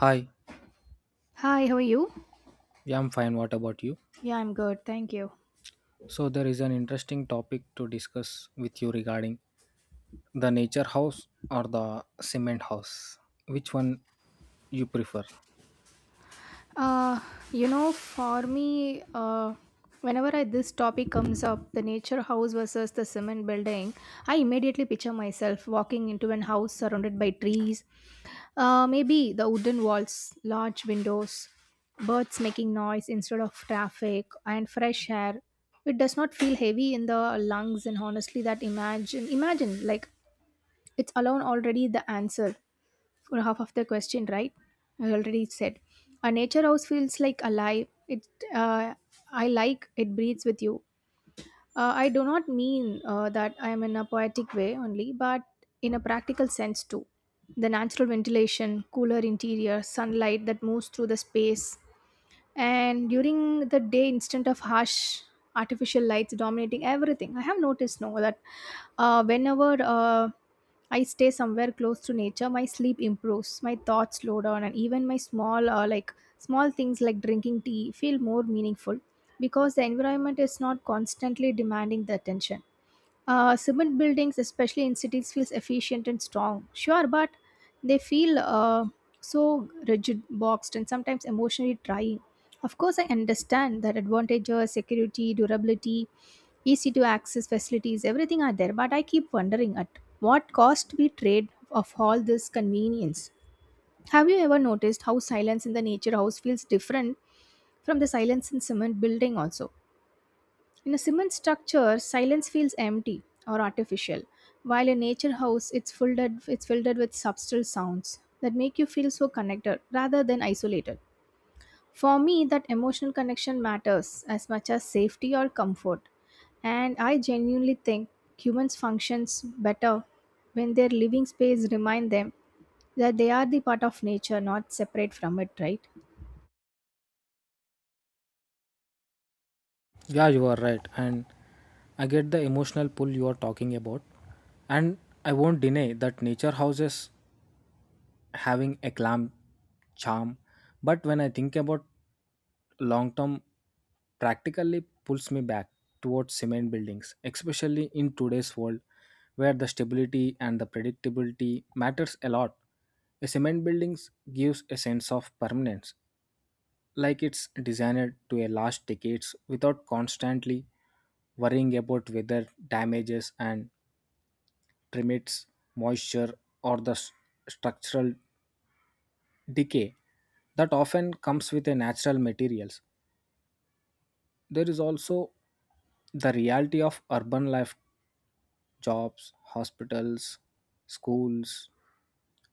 Hi, Hi, how are you? yeah, I'm fine. What about you? Yeah, I'm good. Thank you. So, there is an interesting topic to discuss with you regarding the nature house or the cement house. Which one you prefer? Uh, for me, whenever this topic comes up, the nature house versus the cement building, I immediately picture myself walking into an house surrounded by trees, maybe the wooden walls, large windows, birds making noise instead of traffic, and fresh air. It does not feel heavy in the lungs, and honestly, that imagine like it's alone already the answer. For half of the question, right? I already said. A nature house feels like alive. Uh, I like it breathes with you. I do not mean that I am in a poetic way only, but in a practical sense too. The natural ventilation, cooler interior, sunlight that moves through the space, and during the day instead of harsh artificial lights dominating everything. I have noticed now that, whenever, I stay somewhere close to nature, my sleep improves, my thoughts slow down, and even my small, like small things like drinking tea feel more meaningful because the environment is not constantly demanding the attention. Cement buildings, especially in cities, feels efficient and strong. Sure, but they feel so rigid, boxed, and sometimes emotionally trying. Of course, I understand that advantages, security, durability, easy to access facilities, everything are there. But I keep wondering at what cost we trade of all this convenience. Have you ever noticed how silence in the nature house feels different from the silence in cement building also? In a cement structure, silence feels empty or artificial, while in nature house it's filled with subtle sounds that make you feel so connected rather than isolated. For me, that emotional connection matters as much as safety or comfort. And I genuinely think humans functions better when their living space remind them that they are the part of nature, not separate from it, right? Yeah, you are right. And I get the emotional pull you are talking about. And I won't deny that nature houses having a clam charm, but when I think about long term, practically pulls me back towards cement buildings, especially in today's world where the stability and the predictability matters a lot. A cement buildings gives a sense of permanence, like it's designed to a last decades without constantly worrying about weather damages and permits, moisture, or the structural decay that often comes with a natural materials. There is also the reality of urban life. Jobs, hospitals, schools,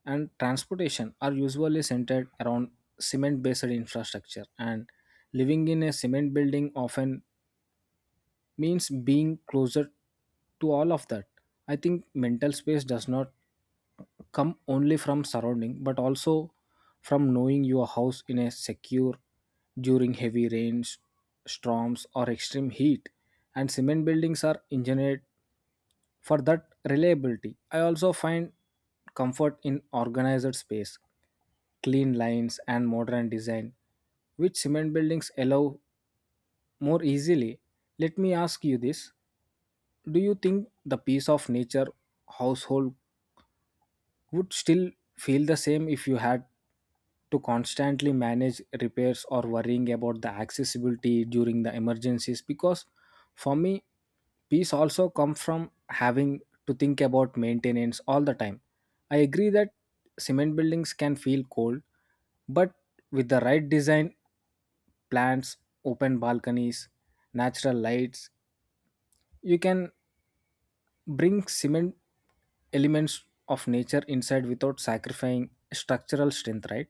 and transportation are usually centered around cement based infrastructure, and living in a cement building often means being closer to all of that. I think mental space does not come only from surrounding, but also from knowing your house in a secure during heavy rains, storms, or extreme heat, and cement buildings are engineered for that reliability. I also find comfort in organized space, clean lines, and modern design, which cement buildings allow more easily. Let me ask you this: do you think the peace of nature household would still feel the same if you had to constantly manage repairs or worrying about the accessibility during the emergencies? Because for me, peace also comes from having to think about maintenance all the time. I agree that cement buildings can feel cold, but with the right design, plants, open balconies, natural lights, you can bring cement elements of nature inside without sacrificing structural strength, right?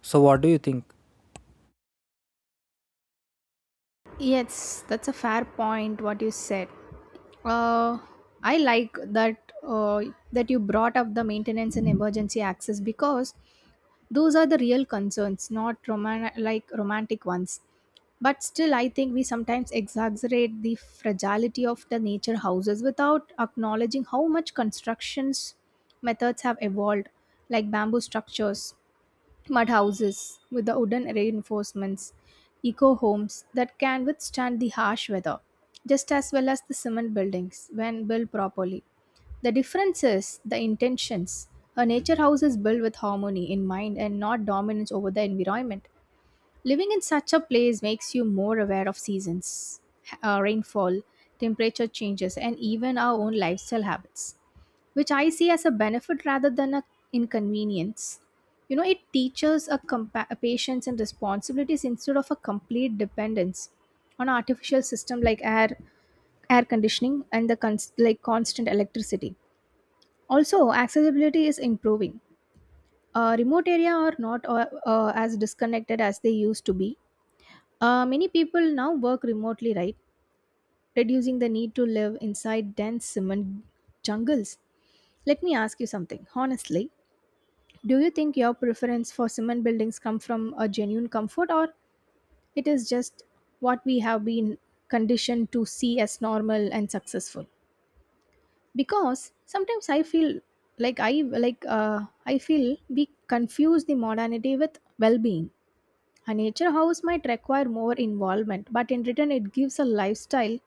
So, what do you think? Yes, that's a fair point what you said. Uh, I like that you brought up the maintenance and emergency access because those are the real concerns, not like romantic ones. But still, I think we sometimes exaggerate the fragility of the nature houses without acknowledging how much constructions methods have evolved, like bamboo structures mud houses with the wooden reinforcements, eco homes that can withstand the harsh weather, just as well as the cement buildings when built properly. The difference is the intentions. A nature house is built with harmony in mind and not dominance over the environment. Living in such a place makes you more aware of seasons, rainfall, temperature changes, and even our own lifestyle habits, which I see as a benefit rather than an inconvenience. It teaches a patience and responsibilities instead of a complete dependence on artificial system like air conditioning and the like constant electricity. Also, accessibility is improving. Remote area are not as disconnected as they used to be. Many people now work remotely, right? Reducing the need to live inside dense cement jungles. Let me ask you something. Honestly, do you think your preference for cement buildings come from a genuine comfort or it is just what we have been conditioned to see as normal and successful? Because sometimes I feel like I feel we confuse the modernity with well-being. A nature house might require more involvement, but in return, it gives a lifestyle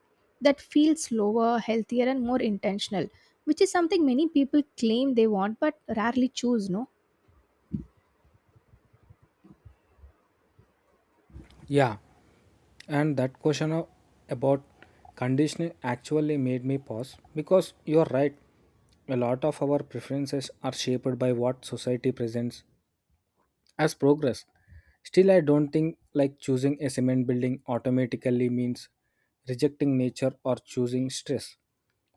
that feels slower, healthier, and more intentional, which is something many people claim they want but rarely choose. No, Yeah And that question of, about conditioning actually made me pause because you're right, a lot of our preferences are shaped by what society presents as progress. Still, I don't think like choosing a cement building automatically means rejecting nature or choosing stress.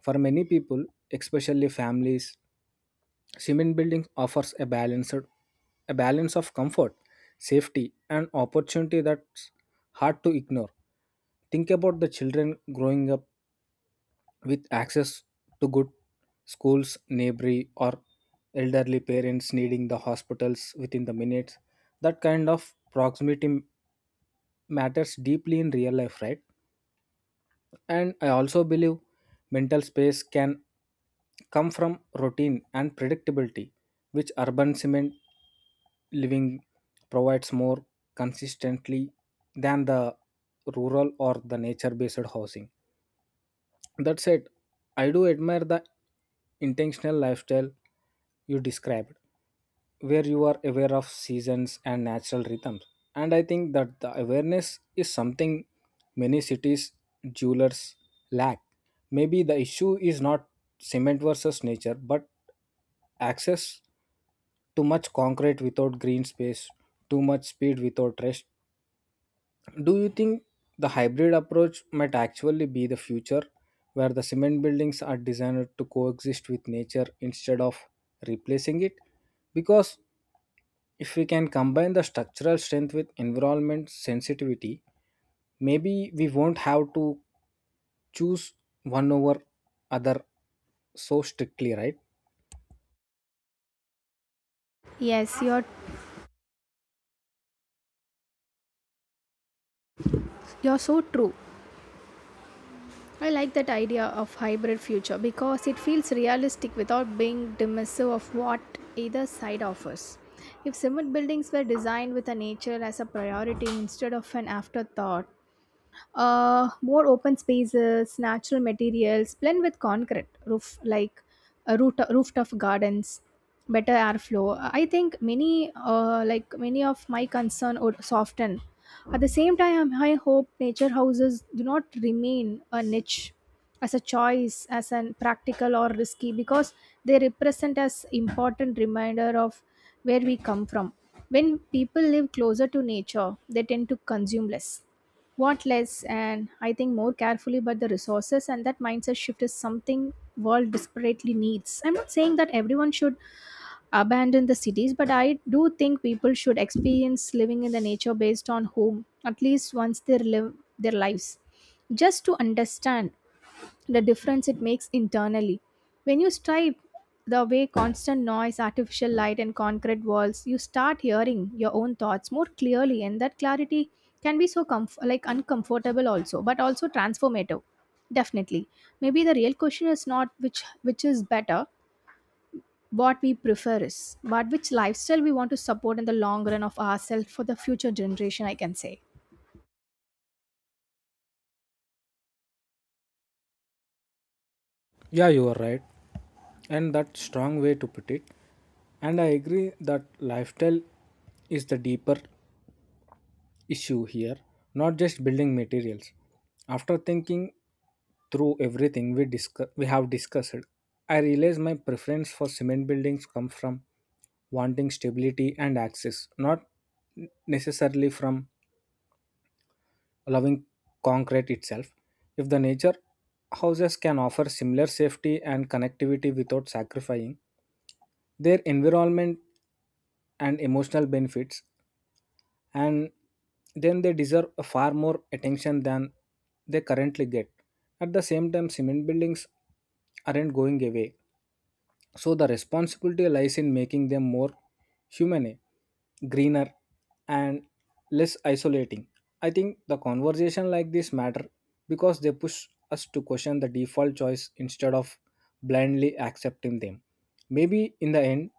For many people, especially families, cement building offers a balanced a balance of comfort, safety, and opportunity that's hard to ignore. Think about the children growing up with access to good schools, neighborly, or elderly parents needing the hospitals within the minutes. That kind of proximity matters deeply in real life, right? And I also believe mental space can come from routine and predictability, which urban cement living provides more consistently than the rural or the nature based housing. That said, I do admire the intentional lifestyle you described, where you are aware of seasons and natural rhythms. And I think that the awareness is something many cities' jewelers lack. Maybe the issue is not cement versus nature, but access. Too much concrete without green space, too much speed without rest. Do you think the hybrid approach might actually be the future, where the cement buildings are designed to coexist with nature instead of replacing it? Because if we can combine the structural strength with environment sensitivity, maybe we won't have to choose one over other so strictly, right? yes, you're so true. I like that idea of hybrid future because it feels realistic without being dismissive of what either side offers. If cement buildings were designed with a nature as a priority instead of an afterthought, more open spaces, natural materials blend with concrete rooftop gardens, better airflow. I think many of my concern would soften. At the same time, I hope nature houses do not remain a niche as a choice, as an practical or risky, because they represent as important reminder of where we come from. When people live closer to nature, they tend to consume less want less and I think more carefully about the resources, and that mindset shift is something world desperately needs. I'm not saying that everyone should abandon the cities, but I do think people should experience living in the nature based on home, at least once they live their lives, just to understand the difference it makes internally. When you stripe the way constant noise, artificial light, and concrete walls, you start hearing your own thoughts more clearly, and that clarity can be so like uncomfortable also, but also transformative. Definitely, maybe the real question is not which is better, what we prefer is, but which lifestyle we want to support in the long run of ourselves for the future generation, I can say. Yeah, you are right. And that's strong way to put it. And I agree that lifestyle is the deeper issue here, not just building materials. After thinking through everything we have discussed, I realize my preference for cement buildings come from wanting stability and access, not necessarily from loving concrete itself. If the nature houses can offer similar safety and connectivity without sacrificing their environment and emotional benefits, and then they deserve a far more attention than they currently get. At the same time, cement buildings aren't going away. So the responsibility lies in making them more humane, greener, and less isolating. I think the conversation like this matter because they push us to question the default choice instead of blindly accepting them. Maybe in the end,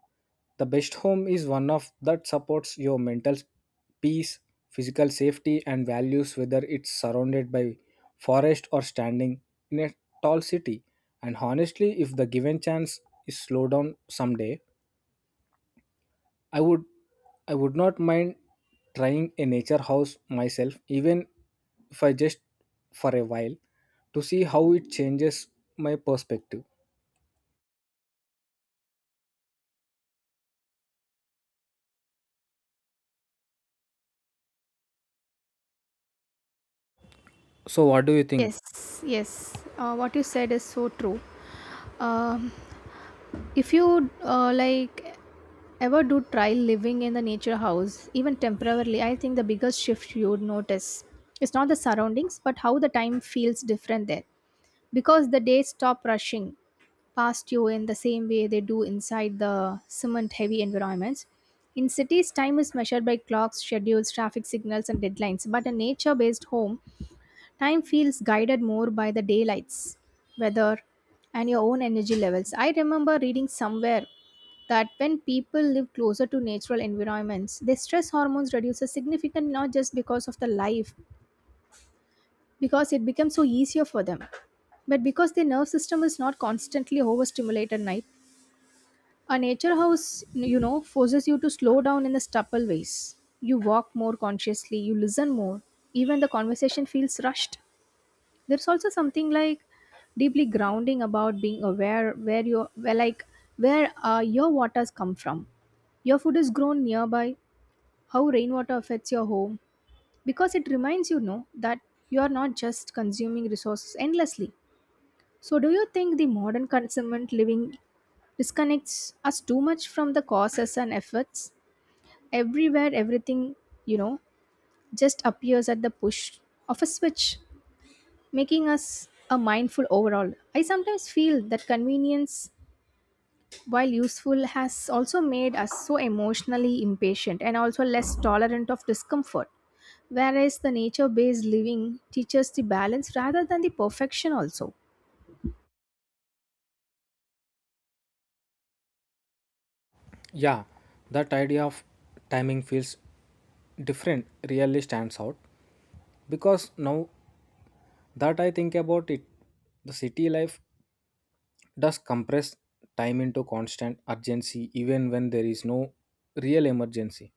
the best home is one of that supports your mental peace, physical safety, and values, whether it's surrounded by forest or standing in a tall city. And honestly, if the given chance is slow down someday, I would I would not mind trying a nature house myself, even if I just for a while, to see how it changes my perspective. So what do you think? Yes, yes. What you said is so true. Um If you like ever do try living in the nature house, even temporarily, I think the biggest shift you would notice is not the surroundings, but how the time feels different there, because the days stop rushing past you in the same way they do inside the cement heavy environments. In cities, time is measured by clocks, schedules, traffic signals, and deadlines. But a nature based home, time feels guided more by the daylights, weather, and your own energy levels. I remember reading somewhere that when people live closer to natural environments, their stress hormones reduces significant not just because of the life, because it becomes so easier for them, but because their nerve system is not constantly overstimulated night. A nature house, forces you to slow down in the stubble ways. You walk more consciously, you listen more, even the conversation feels rushed. There's also something like deeply grounding about being aware where your waters come from, your food is grown nearby, how rainwater affects your home, because it reminds you know that you are not just consuming resources endlessly. So do you think the modern consummate living disconnects us too much from the causes and efforts everywhere? Everything, you know just appears at the push of a switch, making us a mindful overall. I sometimes feel that convenience, while useful, has also made us so emotionally impatient and also less tolerant of discomfort, whereas the nature based living teaches the balance rather than the perfection, also. Yeah, that idea of timing feels different really stands out because now that I think about it, the city life does compress time into constant urgency even when there is no real emergency.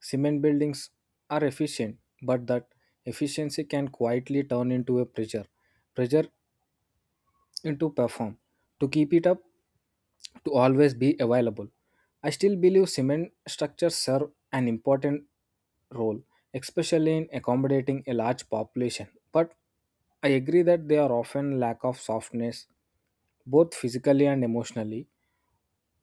Cement buildings are efficient, but that efficiency can quietly turn into a pressure into perform. To keep it up, to always be available. I still believe cement structures serve an important role, especially in accommodating a large population. But I agree that they are often lack of softness, both physically and emotionally.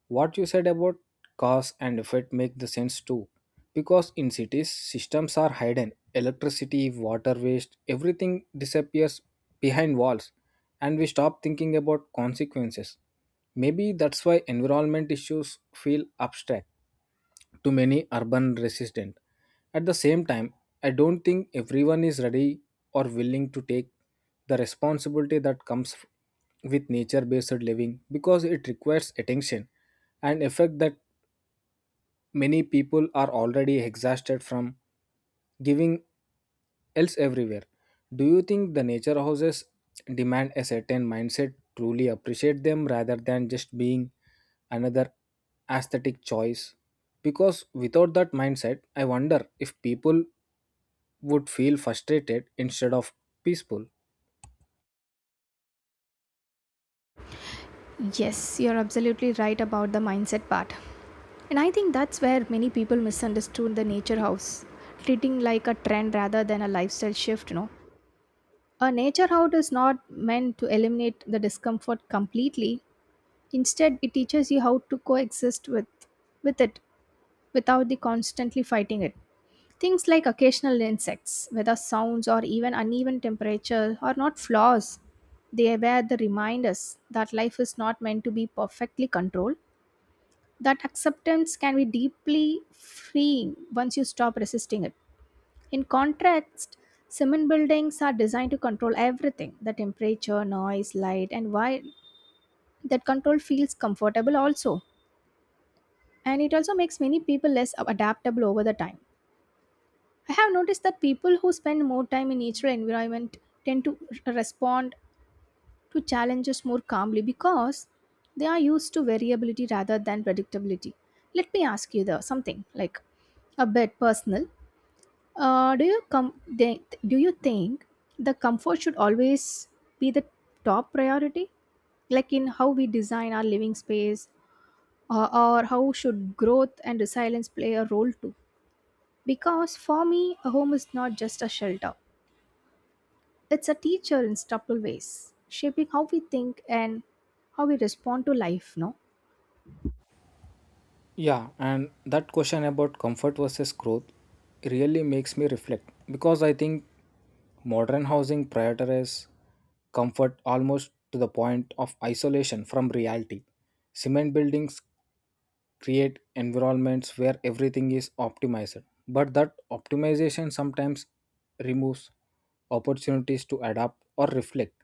What you said about cause and effect make the sense too, because in cities systems are hidden, electricity, water, waste, everything disappears behind walls, and we stop thinking about consequences. Maybe that's why environment issues feel abstract to many urban residents. At the same time, I don't think everyone is ready or willing to take the responsibility that comes with nature based living because it requires attention, an effect that many people are already exhausted from giving else everywhere. Do you think the nature houses demand a certain mindset truly appreciate them rather than just being another aesthetic choice? Because without that mindset, I wonder if people would feel frustrated instead of peaceful. Yes, you're absolutely right about the mindset part. And I think that's where many people misunderstood the nature house, treating like a trend rather than a lifestyle shift. A nature house is not meant to eliminate the discomfort completely. Instead, it teaches you how to coexist with it without the constantly fighting it. Things like occasional insects, whether sounds or even uneven temperature, are not flaws. They were the reminders that life is not meant to be perfectly controlled, that acceptance can be deeply freeing once you stop resisting it. In contrast, cement buildings are designed to control everything the temperature, noise, light, and while that control feels comfortable also, and it also makes many people less adaptable over the time. I have noticed that people who spend more time in natural environment tend to respond to challenges more calmly because they are used to variability rather than predictability. Let me ask you the something like a bit personal. Uh, do you com- they, do you think the comfort should always be the top priority, like in how we design our living space, or how should growth and resilience play a role too? Because for me, a home is not just a shelter, it's a teacher in subtle ways, shaping how we think and how we respond to life, no? Yeah, and that question about comfort versus growth really makes me reflect because I think modern housing prioritizes comfort almost to the point of isolation from reality. Cement buildings create environments where everything is optimized, but that optimization sometimes removes opportunities to adapt or reflect.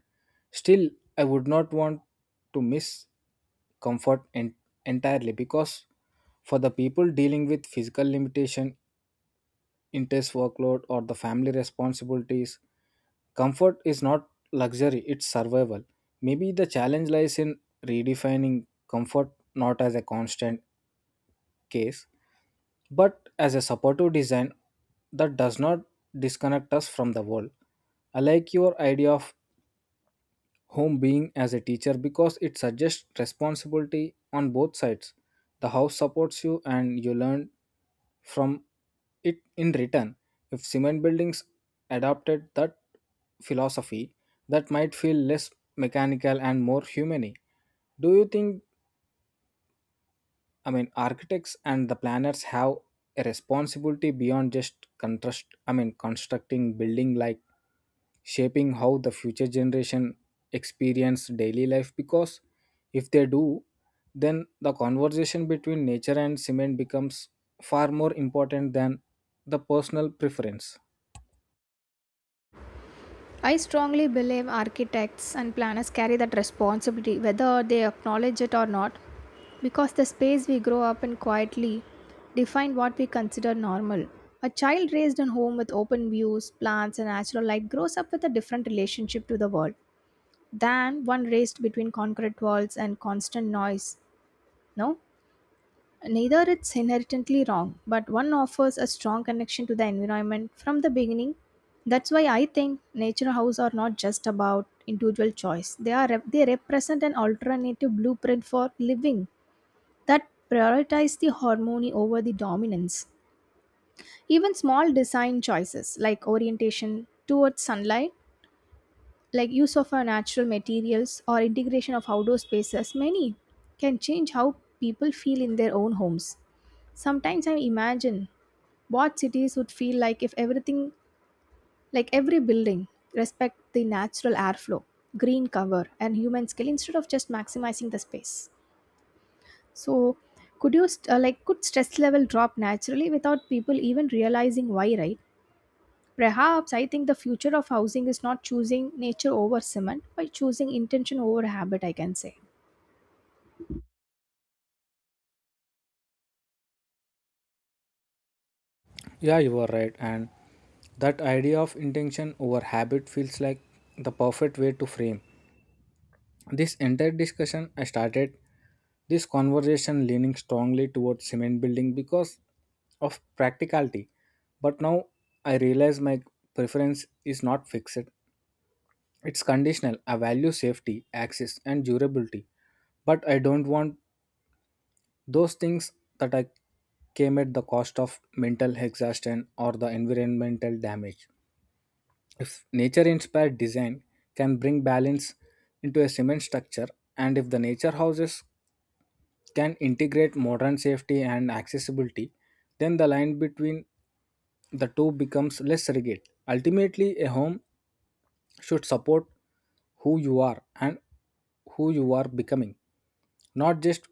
Still, I would not want to miss comfort entirely, because for the people dealing with physical limitation, intense workload, or the family responsibilities, comfort is not luxury, it's survival. Maybe the challenge lies in redefining comfort not as a constant case, but as a supportive design that does not disconnect us from the world. I like your idea of home being as a teacher because it suggests responsibility on both sides. The house supports you and you learn from it in return. If cement buildings adopted that philosophy, that might feel less mechanical and more humane. Do you think architects and the planners have a responsibility beyond just contrast, I mean, constructing building, like shaping how the future generation experience daily life? Because if they do, then the conversation between nature and cement becomes far more important than the personal preference. I strongly believe architects and planners carry that responsibility, whether they acknowledge it or not, because the space we grow up in quietly define what we consider normal. A child raised in home with open views, plants, and natural light grows up with a different relationship to the world than one raised between concrete walls and constant noise. No? Neither it's inherently wrong, but one offers a strong connection to the environment from the beginning. That's why I think nature house are not just about individual choice. They represent an alternative blueprint for living that prioritize the harmony over the dominance. Even small design choices like orientation towards sunlight, like use of our natural materials or integration of outdoor spaces, many can change how people feel in their own homes. Sometimes I imagine what cities would feel like if everything, like every building, respect the natural airflow, green cover and human skill instead of just maximizing the space. So could you st- like could stress level drop naturally without people even realizing why, right? Perhaps I think the future of housing is not choosing nature over cement but choosing intention over habit, I can say. Yeah, you are right, and that idea of intention over habit feels like the perfect way to frame this entire discussion. I started this conversation leaning strongly towards cement building because of practicality. But now I realize my preference is not fixed. It's conditional. I value safety, access, and durability. But I don't want those things that I came at the cost of mental exhaustion or the environmental damage. If nature inspired design can bring balance into a cement structure, and if the nature houses can integrate modern safety and accessibility, then the line between the two becomes less rigid. Ultimately, a home should support who you are and who you are becoming, not just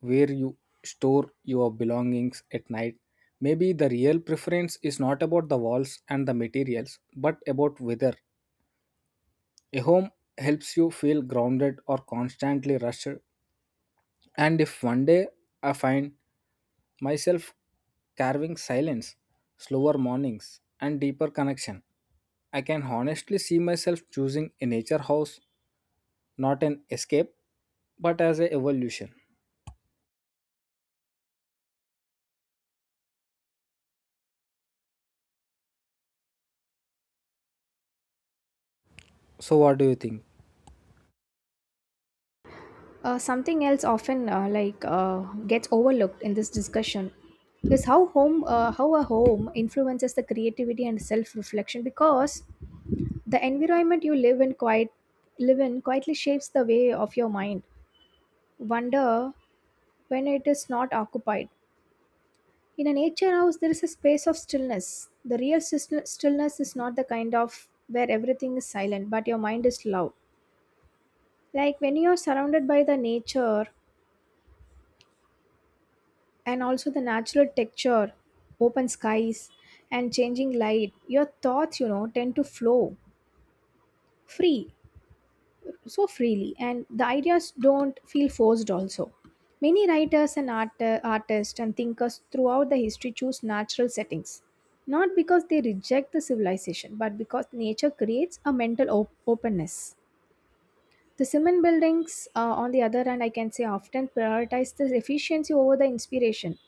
where you store your belongings at night. Maybe the real preference is not about the walls and the materials, but about whether a home helps you feel grounded or constantly rushed. And if one day I find myself carving silence, slower mornings, and deeper connection, I can honestly see myself choosing a nature house, not an escape, but as a evolution. So what do you think? Something else often gets overlooked in this discussion is how a home influences the creativity and self reflection, because the environment you live in quietly shapes the way of your mind wonder when it is not occupied. In a nature house there is a space of stillness. The real stillness is not the kind of where everything is silent but your mind is loud. Like when you are surrounded by the nature, and also the natural texture, open skies, and changing light, your thoughts, you know, tend to flow free, so freely, and the ideas don't feel forced also. Many writers and artists and thinkers throughout the history choose natural settings, not because they reject the civilization, but because nature creates a mental openness. The cement buildings, on the other hand, I can say, often prioritize the efficiency over the inspiration.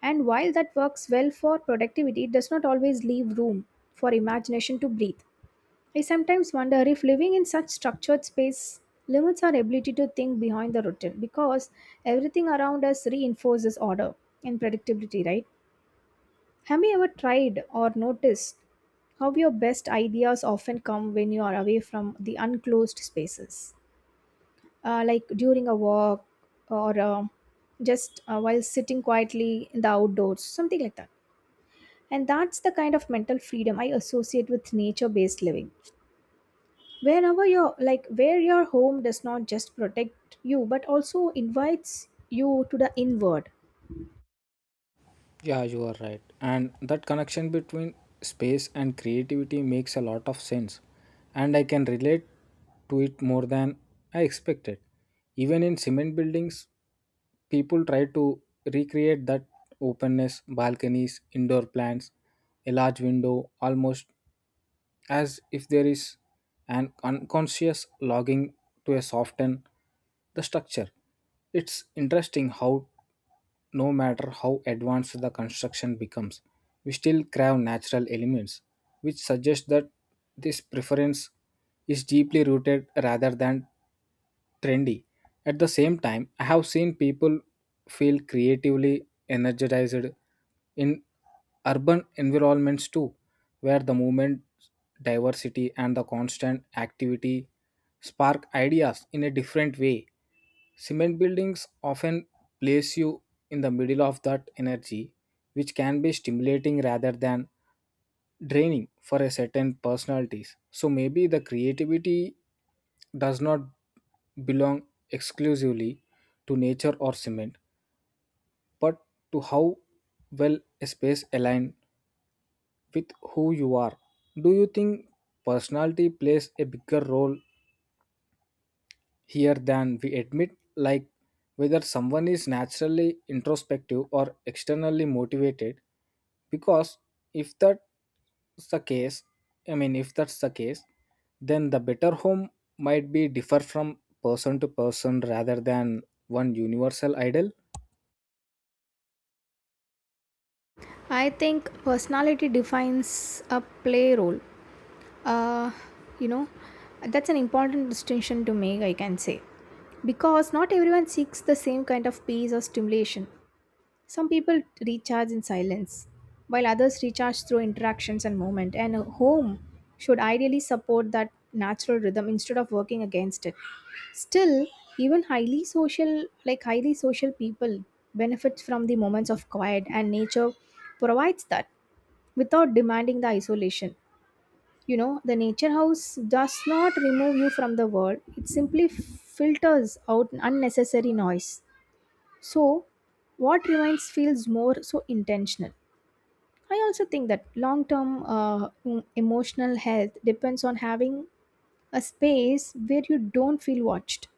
And while that works well for productivity, it does not always leave room for imagination to breathe. I sometimes wonder if living in such structured space limits our ability to think behind the routine, because everything around us reinforces order and predictability, right? Have you ever tried or noticed how your best ideas often come when you are away from the unclosed spaces? Like during a walk or just while sitting quietly in the outdoors, something like that. And that's the kind of mental freedom I associate with nature based living, whenever you're like where your home does not just protect you but also invites you to the inward. Yeah, you are right. And that connection between space and creativity makes a lot of sense. And I can relate to it more than I expected. Even in cement buildings, people try to recreate that openness, balconies, indoor plants, a large window, almost as if there is an unconscious logging to a soften the structure. It's interesting how no matter how advanced the construction becomes, we still crave natural elements, which suggests that this preference is deeply rooted rather than trendy. At the same time, I have seen people feel creatively energized in urban environments too, where the movement, diversity, and the constant activity spark ideas in a different way. Cement buildings often place you in the middle of that energy, which can be stimulating rather than draining for a certain personalities. So maybe the creativity does not belong exclusively to nature or cement, but to how well a space align with who you are. Do you think personality plays a bigger role here than we admit, like whether someone is naturally introspective or externally motivated? Because if that's the case, I mean, if that's the case, then the better home might be differ from person to person rather than one universal ideal. I think personality defines a play role. uh you know that's an important distinction to make, I can say, because not everyone seeks the same kind of peace or stimulation. Some people recharge in silence, while others recharge through interactions and movement. And a home should ideally support that natural rhythm instead of working against it. Still, even highly social people benefit from the moments of quiet, and nature provides that without demanding the isolation. You know, the nature house does not remove you from the world; it simply filters out unnecessary noise. So, what reminds feels more so intentional. I also think that long term emotional health depends on having a space where you don't feel watched,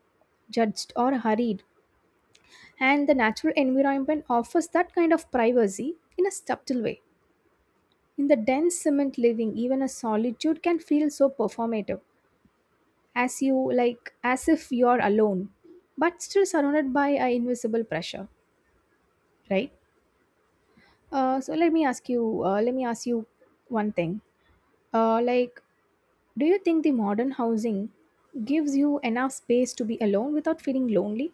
judged, or hurried. And the natural environment offers that kind of privacy in a subtle way. In the dense cement living, even a solitude can feel so performative, as you like, as if you're alone, but still surrounded by a invisible pressure, right? Let me ask you one thing. Uh, like, do you think the modern housing gives you enough space to be alone without feeling lonely?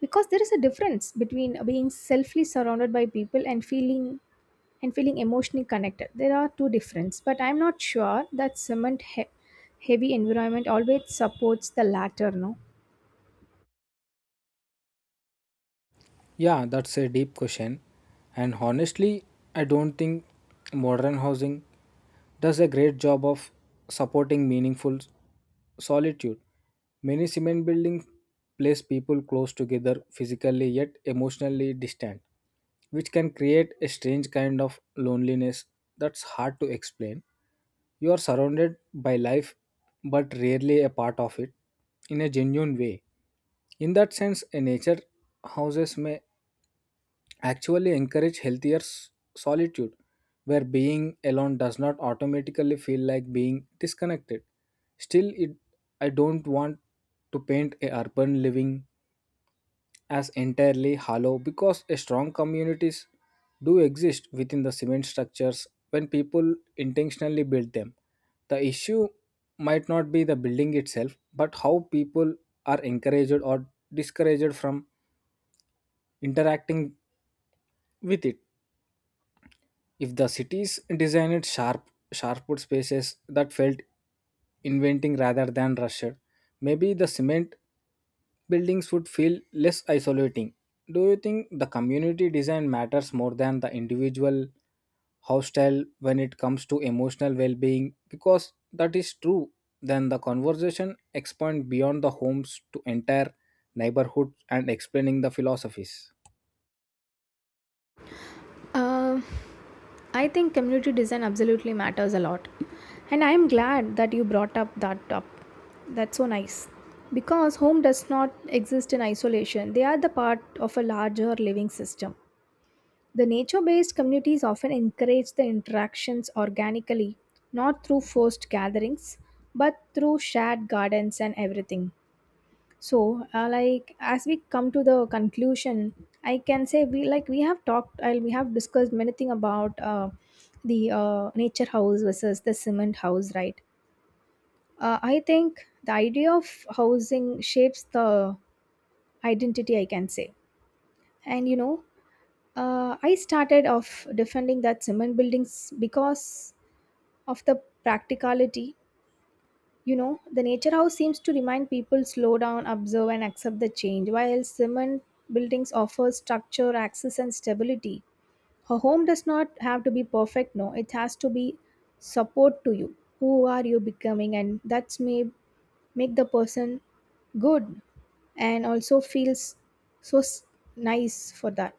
Because there is a difference between being selfishly surrounded by people and feeling emotionally connected. There are two differences, but I'm not sure that heavy environment always supports the latter. No. Yeah, that's a deep question. And honestly, I don't think modern housing does a great job of supporting meaningful solitude. Many cement buildings place people close together physically yet emotionally distant, which can create a strange kind of loneliness that's hard to explain. You are surrounded by life but rarely a part of it in a genuine way. In that sense, a nature houses may actually encourage healthier solitude, where being alone does not automatically feel like being disconnected. Still, I don't want to paint a urban living as entirely hollow because a strong communities do exist within the cement structures when people intentionally build them. The issue might not be the building itself, but how people are encouraged or discouraged from interacting with it. If the cities designed sharp wood spaces that felt inventing rather than rushed, maybe the cement buildings would feel less isolating. Do you think the community design matters more than the individual house style when it comes to emotional well being? Because that is true, then the conversation expand beyond the homes to entire neighborhoods and explaining the philosophies. Um, I think community design absolutely matters a lot. And I am glad that you brought up that up. That's so nice. Because home does not exist in isolation. They are the part of a larger living system. The nature-based communities often encourage the interactions organically, not through forced gatherings, but through shared gardens and everything. So, like, as we come to the conclusion, I can say we have talked and we have discussed many things about the nature house versus the cement house, right? I think the idea of housing shapes the identity, I can say. And you know, I started off defending that cement buildings because of the practicality. You know, the nature house seems to remind people slow down, observe, and accept the change, while cement buildings offer structure, access, and stability. A home does not have to be perfect, no, it has to be support to you. Who are you becoming? And that's may make the person good and also feels so nice for that.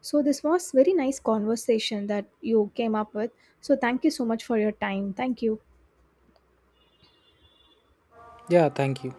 So this was very nice conversation that you came up with. So thank you so much for your time. Thank you. Yeah, thank you.